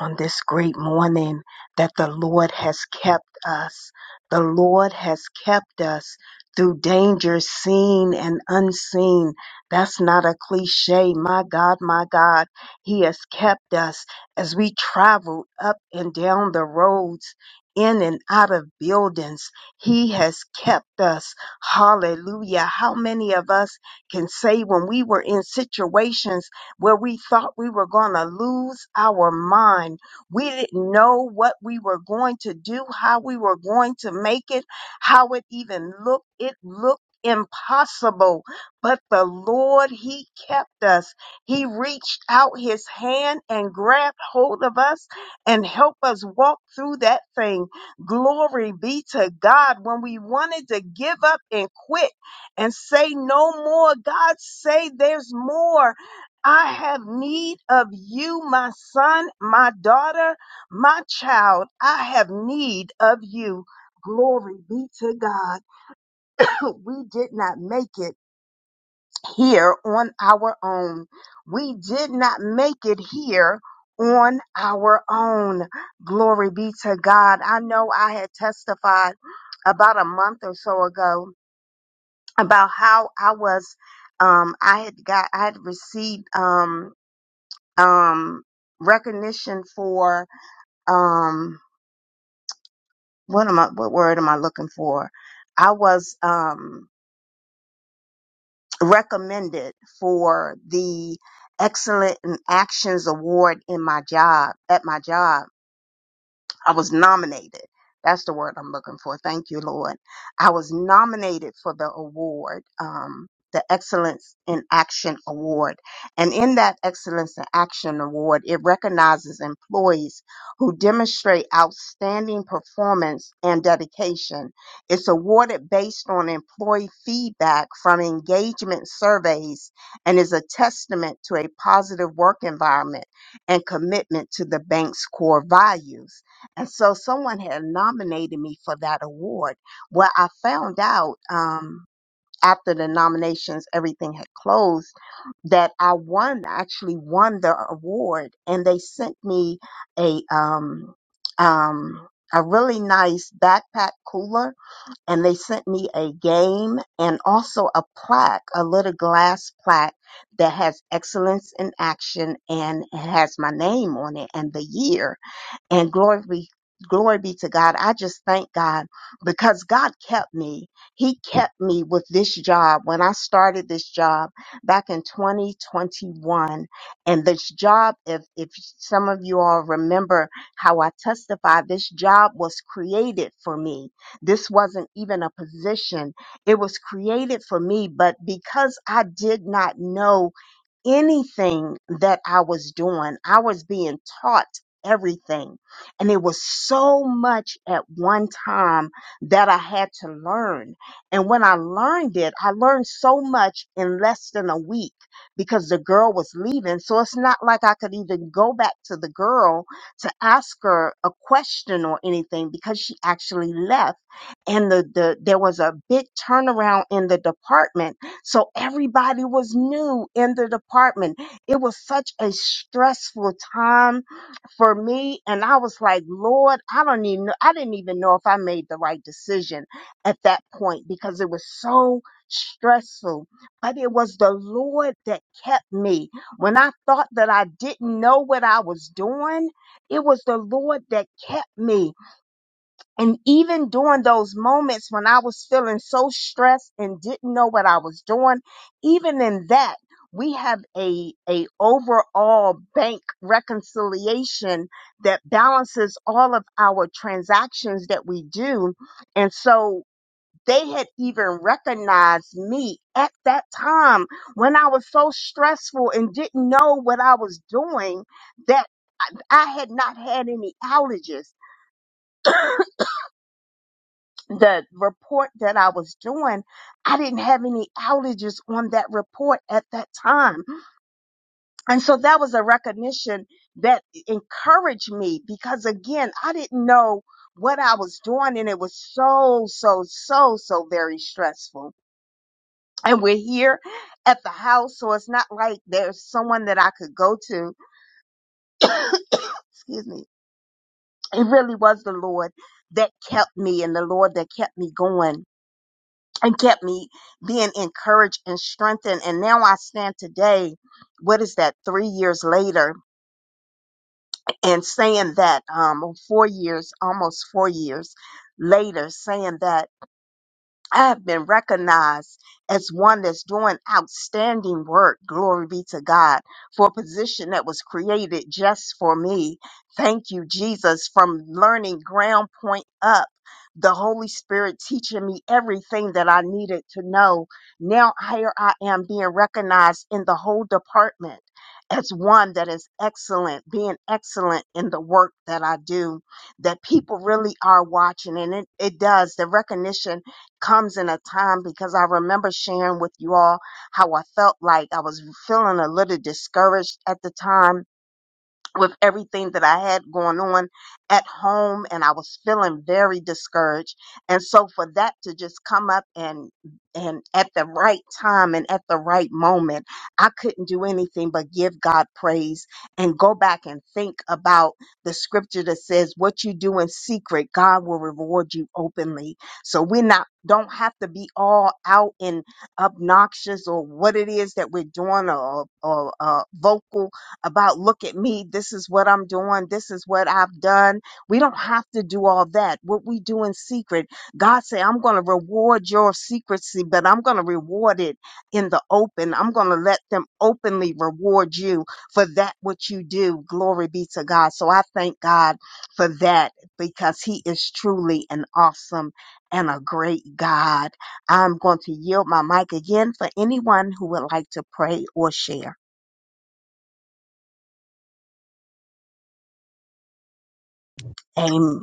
Speaker 2: on this great morning that the Lord has kept us. The Lord has kept us through dangers seen and unseen. That's not a cliche. My God, my God, He has kept us as we traveled up and down the roads. In and out of buildings. He has kept us. Hallelujah. How many of us can say when we were in situations where we thought we were going to lose our mind. We didn't know what we were going to do, how we were going to make it, how it even looked. It looked impossible, but the Lord, He kept us. He reached out His hand and grabbed hold of us and helped us walk through that thing. Glory be to God. When we wanted to give up and quit and say no more, God say there's more. I have need of you, my son, my daughter, my child. I have need of you. Glory be to God. <laughs> <clears throat> We did not make it here on our own. We did not make it here on our own. Glory be to God. I know I had testified about a month or so ago about how I was um I had got I had received um, um, recognition for um, what am I? What word am I looking for? I was um, recommended for the Excellent in Actions Award in my job at my job I was nominated. That's the word I'm looking for. Thank you, Lord. I was nominated for the award, um, the Excellence in Action Award. And in that Excellence in Action Award, it recognizes employees who demonstrate outstanding performance and dedication. It's awarded based on employee feedback from engagement surveys and is a testament to a positive work environment and commitment to the bank's core values. And so someone had nominated me for that award. Well, I found out um, after the nominations, everything had closed, that I won, actually won the award. And they sent me a, um, um, a really nice backpack cooler and they sent me a game and also a plaque, a little glass plaque that has excellence in action and it has my name on it and the year. And glory be, glory be to God. I just thank God because God kept me. He kept me with this job when I started this job back in 2021. And this job, if, if some of you all remember how I testified, this job was created for me. This wasn't even a position. It was created for me, but because I did not know anything that I was doing. I was being taught everything. And it was so much at one time that I had to learn. And when I learned it, I learned so much in less than a week because the girl was leaving. So it's not like I could even go back to the girl to ask her a question or anything because she actually left. And the, the there was a big turnaround in the department so everybody was new in the department. It was such a stressful time for me. And I was like, Lord, I don't even know. I didn't even know if I made the right decision at that point because it was so stressful. But it was the Lord that kept me. When I thought that I didn't know what I was doing, it was the Lord that kept me. And even during those moments when I was feeling so stressed and didn't know what I was doing, even in that, we have a, a overall bank reconciliation that balances all of our transactions that we do. And so they had even recognized me at that time when I was so stressful and didn't know what I was doing that I had not had any outages the report that I was doing, I didn't have any outages on that report at that time. And so that was a recognition that encouraged me because again, I didn't know what I was doing and it was so, so, so, so very stressful. And we're here at the house, so it's not like there's someone that I could go to. Excuse me. It really was the Lord that kept me and the Lord that kept me going and kept me being encouraged and strengthened. And now I stand today, what is that, three years later, and saying that, um, or four years, almost four years later, saying that. I have been recognized as one that's doing outstanding work. Glory be to God for a position that was created just for me. Thank you, Jesus, from learning ground point up. The Holy Spirit teaching me everything that I needed to know. Now, here I am being recognized in the whole department as one that is excellent, being excellent in the work that I do, that people really are watching. And it, it does. The recognition comes in a time because I remember sharing with you all how I felt like I was feeling a little discouraged at the time with everything that I had going on at home and I was feeling very discouraged. And so for that to just come up and and at the right time and at the right moment, I couldn't do anything but give God praise and go back and think about the scripture that says what you do in secret, God will reward you openly. So we not don't have to be all out and obnoxious or what it is that we're doing or, or uh, vocal about look at me, this is what I'm doing, this is what I've done. We don't have to do all that. What we do in secret, God say, I'm going to reward your secrecy, but I'm going to reward it in the open. I'm going to let them openly reward you for that which you do. Glory be to God. So I thank God for that because he is truly an awesome and a great God. I'm going to yield my mic again for anyone who would like to pray or share. Amen.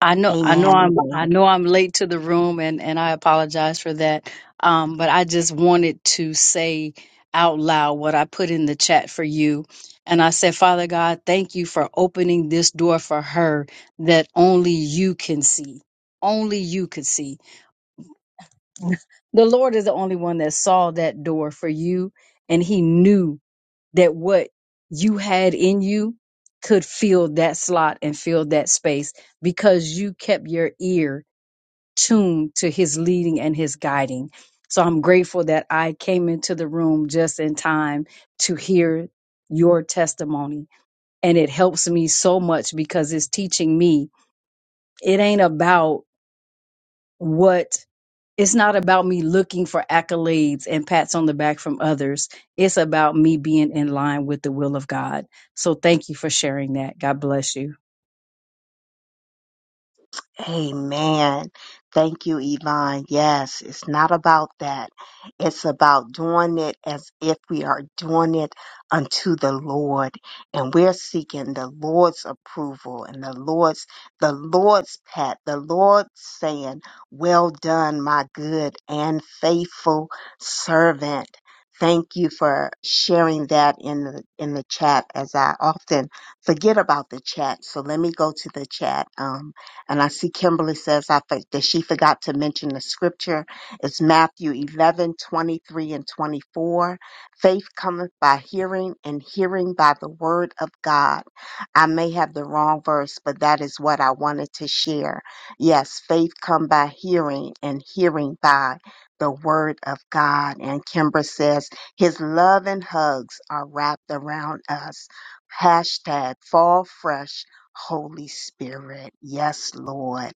Speaker 6: I know, I know,
Speaker 2: Amen.
Speaker 6: I'm, I know, I'm late to the room, and and I apologize for that. Um, but I just wanted to say out loud what I put in the chat for you, and I said, Father God, thank you for opening this door for her that only you can see, only you could see. The Lord is the only one that saw that door for you, and He knew that what you had in you could fill that slot and fill that space because you kept your ear tuned to his leading and his guiding. So I'm grateful that I came into the room just in time to hear your testimony. And it helps me so much because it's teaching me it ain't about what, it's not about me looking for accolades and pats on the back from others. It's about me being in line with the will of God. So thank you for sharing that. God bless you.
Speaker 2: Amen. Thank you, Yvonne. Yes, it's not about that. It's about doing it as if we are doing it unto the Lord. And we're seeking the Lord's approval and the Lord's, the Lord's pat, the Lord saying, well done, my good and faithful servant. Thank you for sharing that in the, in the chat as I often forget about the chat. So let me go to the chat. Um, and I see Kimberly says I think that she forgot to mention the scripture. It's Matthew 11 23 and 24. Faith cometh by hearing and hearing by the word of God. I may have the wrong verse, but that is what I wanted to share. Yes, faith come by hearing and hearing by the word of God. And Kimber says, his love and hugs are wrapped around us. Hashtag fall fresh Holy Spirit. Yes, Lord.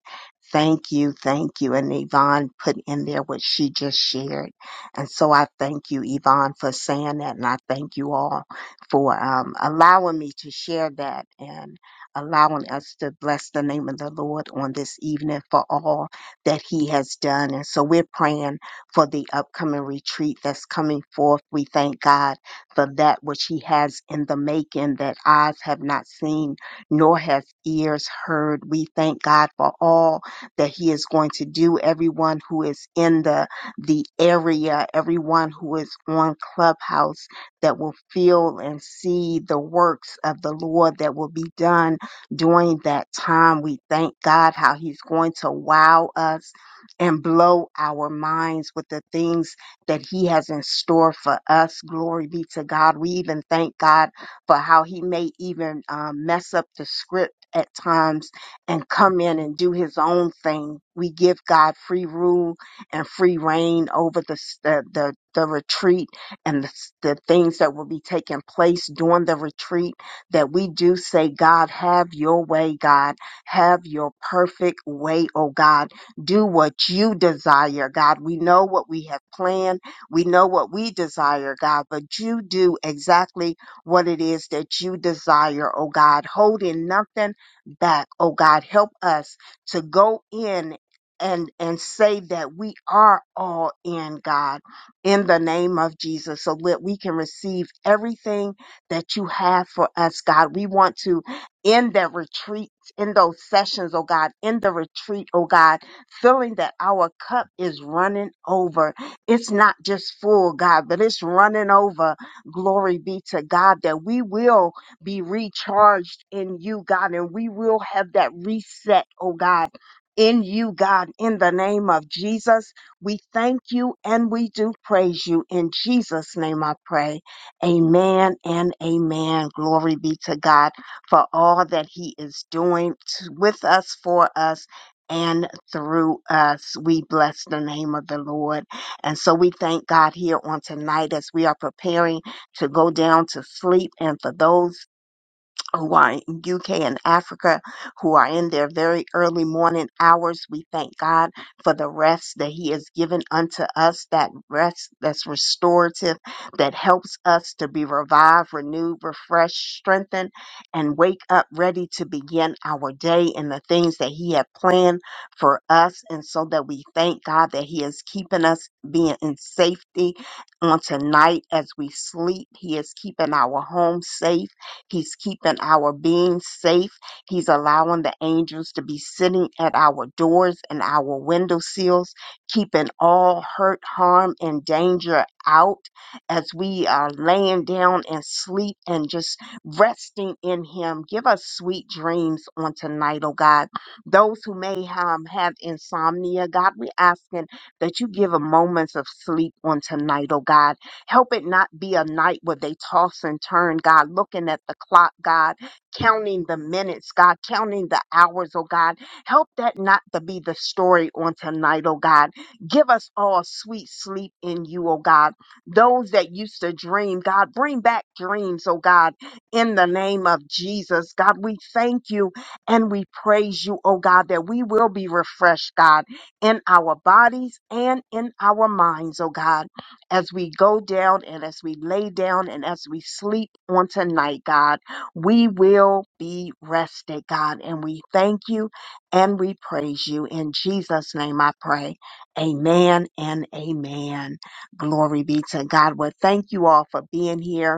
Speaker 2: Thank you. Thank you. And Yvonne put in there what she just shared. And so I thank you, Yvonne, for saying that. And I thank you all for um, allowing me to share that and allowing us to bless the name of the Lord on this evening for all that he has done. And so we're praying for the upcoming retreat that's coming forth. We thank God for that which he has in the making that eyes have not seen nor has ears heard. We thank God for all that He is going to do. Everyone who is in the the area, everyone who is on Clubhouse that will feel and see the works of the Lord that will be done during that time. We thank God how He's going to wow us and blow our minds with the things that He has in store for us. Glory be to God. We even thank God for how he may even um, mess up the script at times and come in and do his own thing. We give God free rule and free reign over the s- the the, the retreat and the, s- the things that will be taking place during the retreat. That we do say, God, have your way, God, have your perfect way, oh God. Do what you desire, God. We know what we have planned. We know what we desire, God, but you do exactly what it is that you desire, oh God, holding nothing back. Oh God, help us to go in and, and say that we are all in God in the name of Jesus so that we can receive everything that you have for us, God. We want to end that retreat, in those sessions, oh God, in the retreat, oh God, feeling that our cup is running over. It's not just full, God, but it's running over Glory be to God that we will be recharged in you, God, and we will have that reset, oh God. In you, God, in the name of Jesus, we thank you and we do praise you. In Jesus' name I pray. Amen and amen. Glory be to God for all that He is doing t- with us, for us, and through us. We bless the name of the Lord. And so we thank God here on tonight as we are preparing to go down to sleep and for those who are in UK and Africa, who are in their very early morning hours. We thank God for the rest that He has given unto us, that rest that's restorative, that helps us to be revived, renewed, refreshed, strengthened, and wake up ready to begin our day in the things that He had planned for us. And so that we thank God that He is keeping us being in safety on tonight as we sleep. He is keeping our home safe. He's keeping our being safe. He's allowing the angels to be sitting at our doors and our window sills, keeping all hurt, harm, and danger out as we are laying down and sleep and just resting in Him. Give us sweet dreams on tonight, oh God. Those who may um, have insomnia, God, we asking that you give them moments of sleep on tonight, oh God Help it not be a night where they toss and turn, God, looking at the clock, God, counting the minutes, God, counting the hours, oh God. Help that not to be the story on tonight, oh God. Give us all sweet sleep in you, oh God. Those that used to dream, God, bring back dreams, oh God, in the name of Jesus. God, we thank you and we praise you, oh God, that we will be refreshed, God, in our bodies and in our minds, oh God as we go down and as we lay down and as we sleep on tonight, God, we will be rested, God. And we thank you and we praise you. In Jesus' name I pray. Amen and amen. Glory be to God. Well, thank you all for being here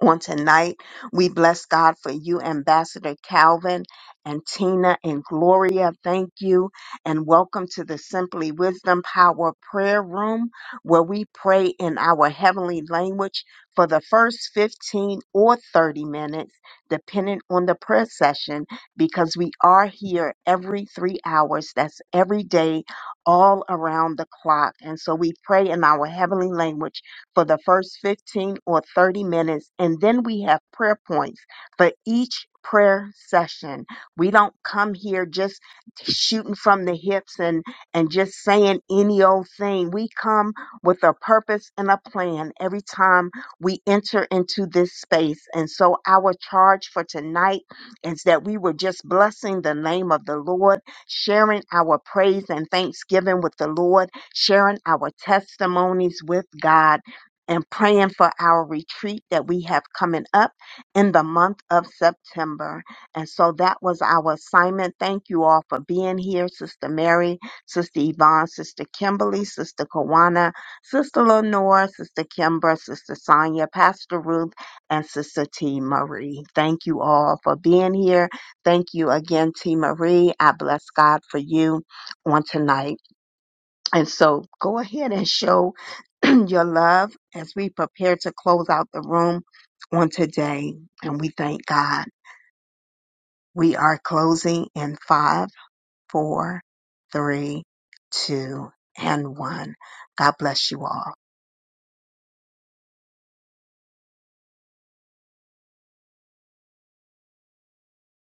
Speaker 2: on tonight. We bless God for you, Ambassador Calvin and Tina and Gloria. Thank you. And welcome to the Simply Wisdom Power Prayer Room, where we pray in our heavenly language for the first 15 or 30 minutes, depending on the prayer session, because we are here every three hours. That's every day, all around the clock. And so we pray in our heavenly language for the first 15 or 30 minutes, and then we have prayer points for each prayer session. We don't come here just shooting from the hips and and just saying any old thing. We come with a purpose and a plan every time we enter into this space. And so our charge for tonight is that we were just blessing the name of the Lord, sharing our praise and thanksgiving with the Lord, sharing our testimonies with God and praying for our retreat that we have coming up in the month of September. And so that was our assignment. Thank you all for being here, Sister Mary, Sister Yvonne, Sister Kimberly, Sister Kawana, Sister Lenore, Sister Kimber, Sister Sonia, Pastor Ruth, and Sister T. Marie. Thank you all for being here. Thank you again, T. Marie. I bless God for you on tonight. And so go ahead and show <clears throat> your love as we prepare to close out the room on today. And we thank God. We are closing in five, four, three, two, and one. God bless you all.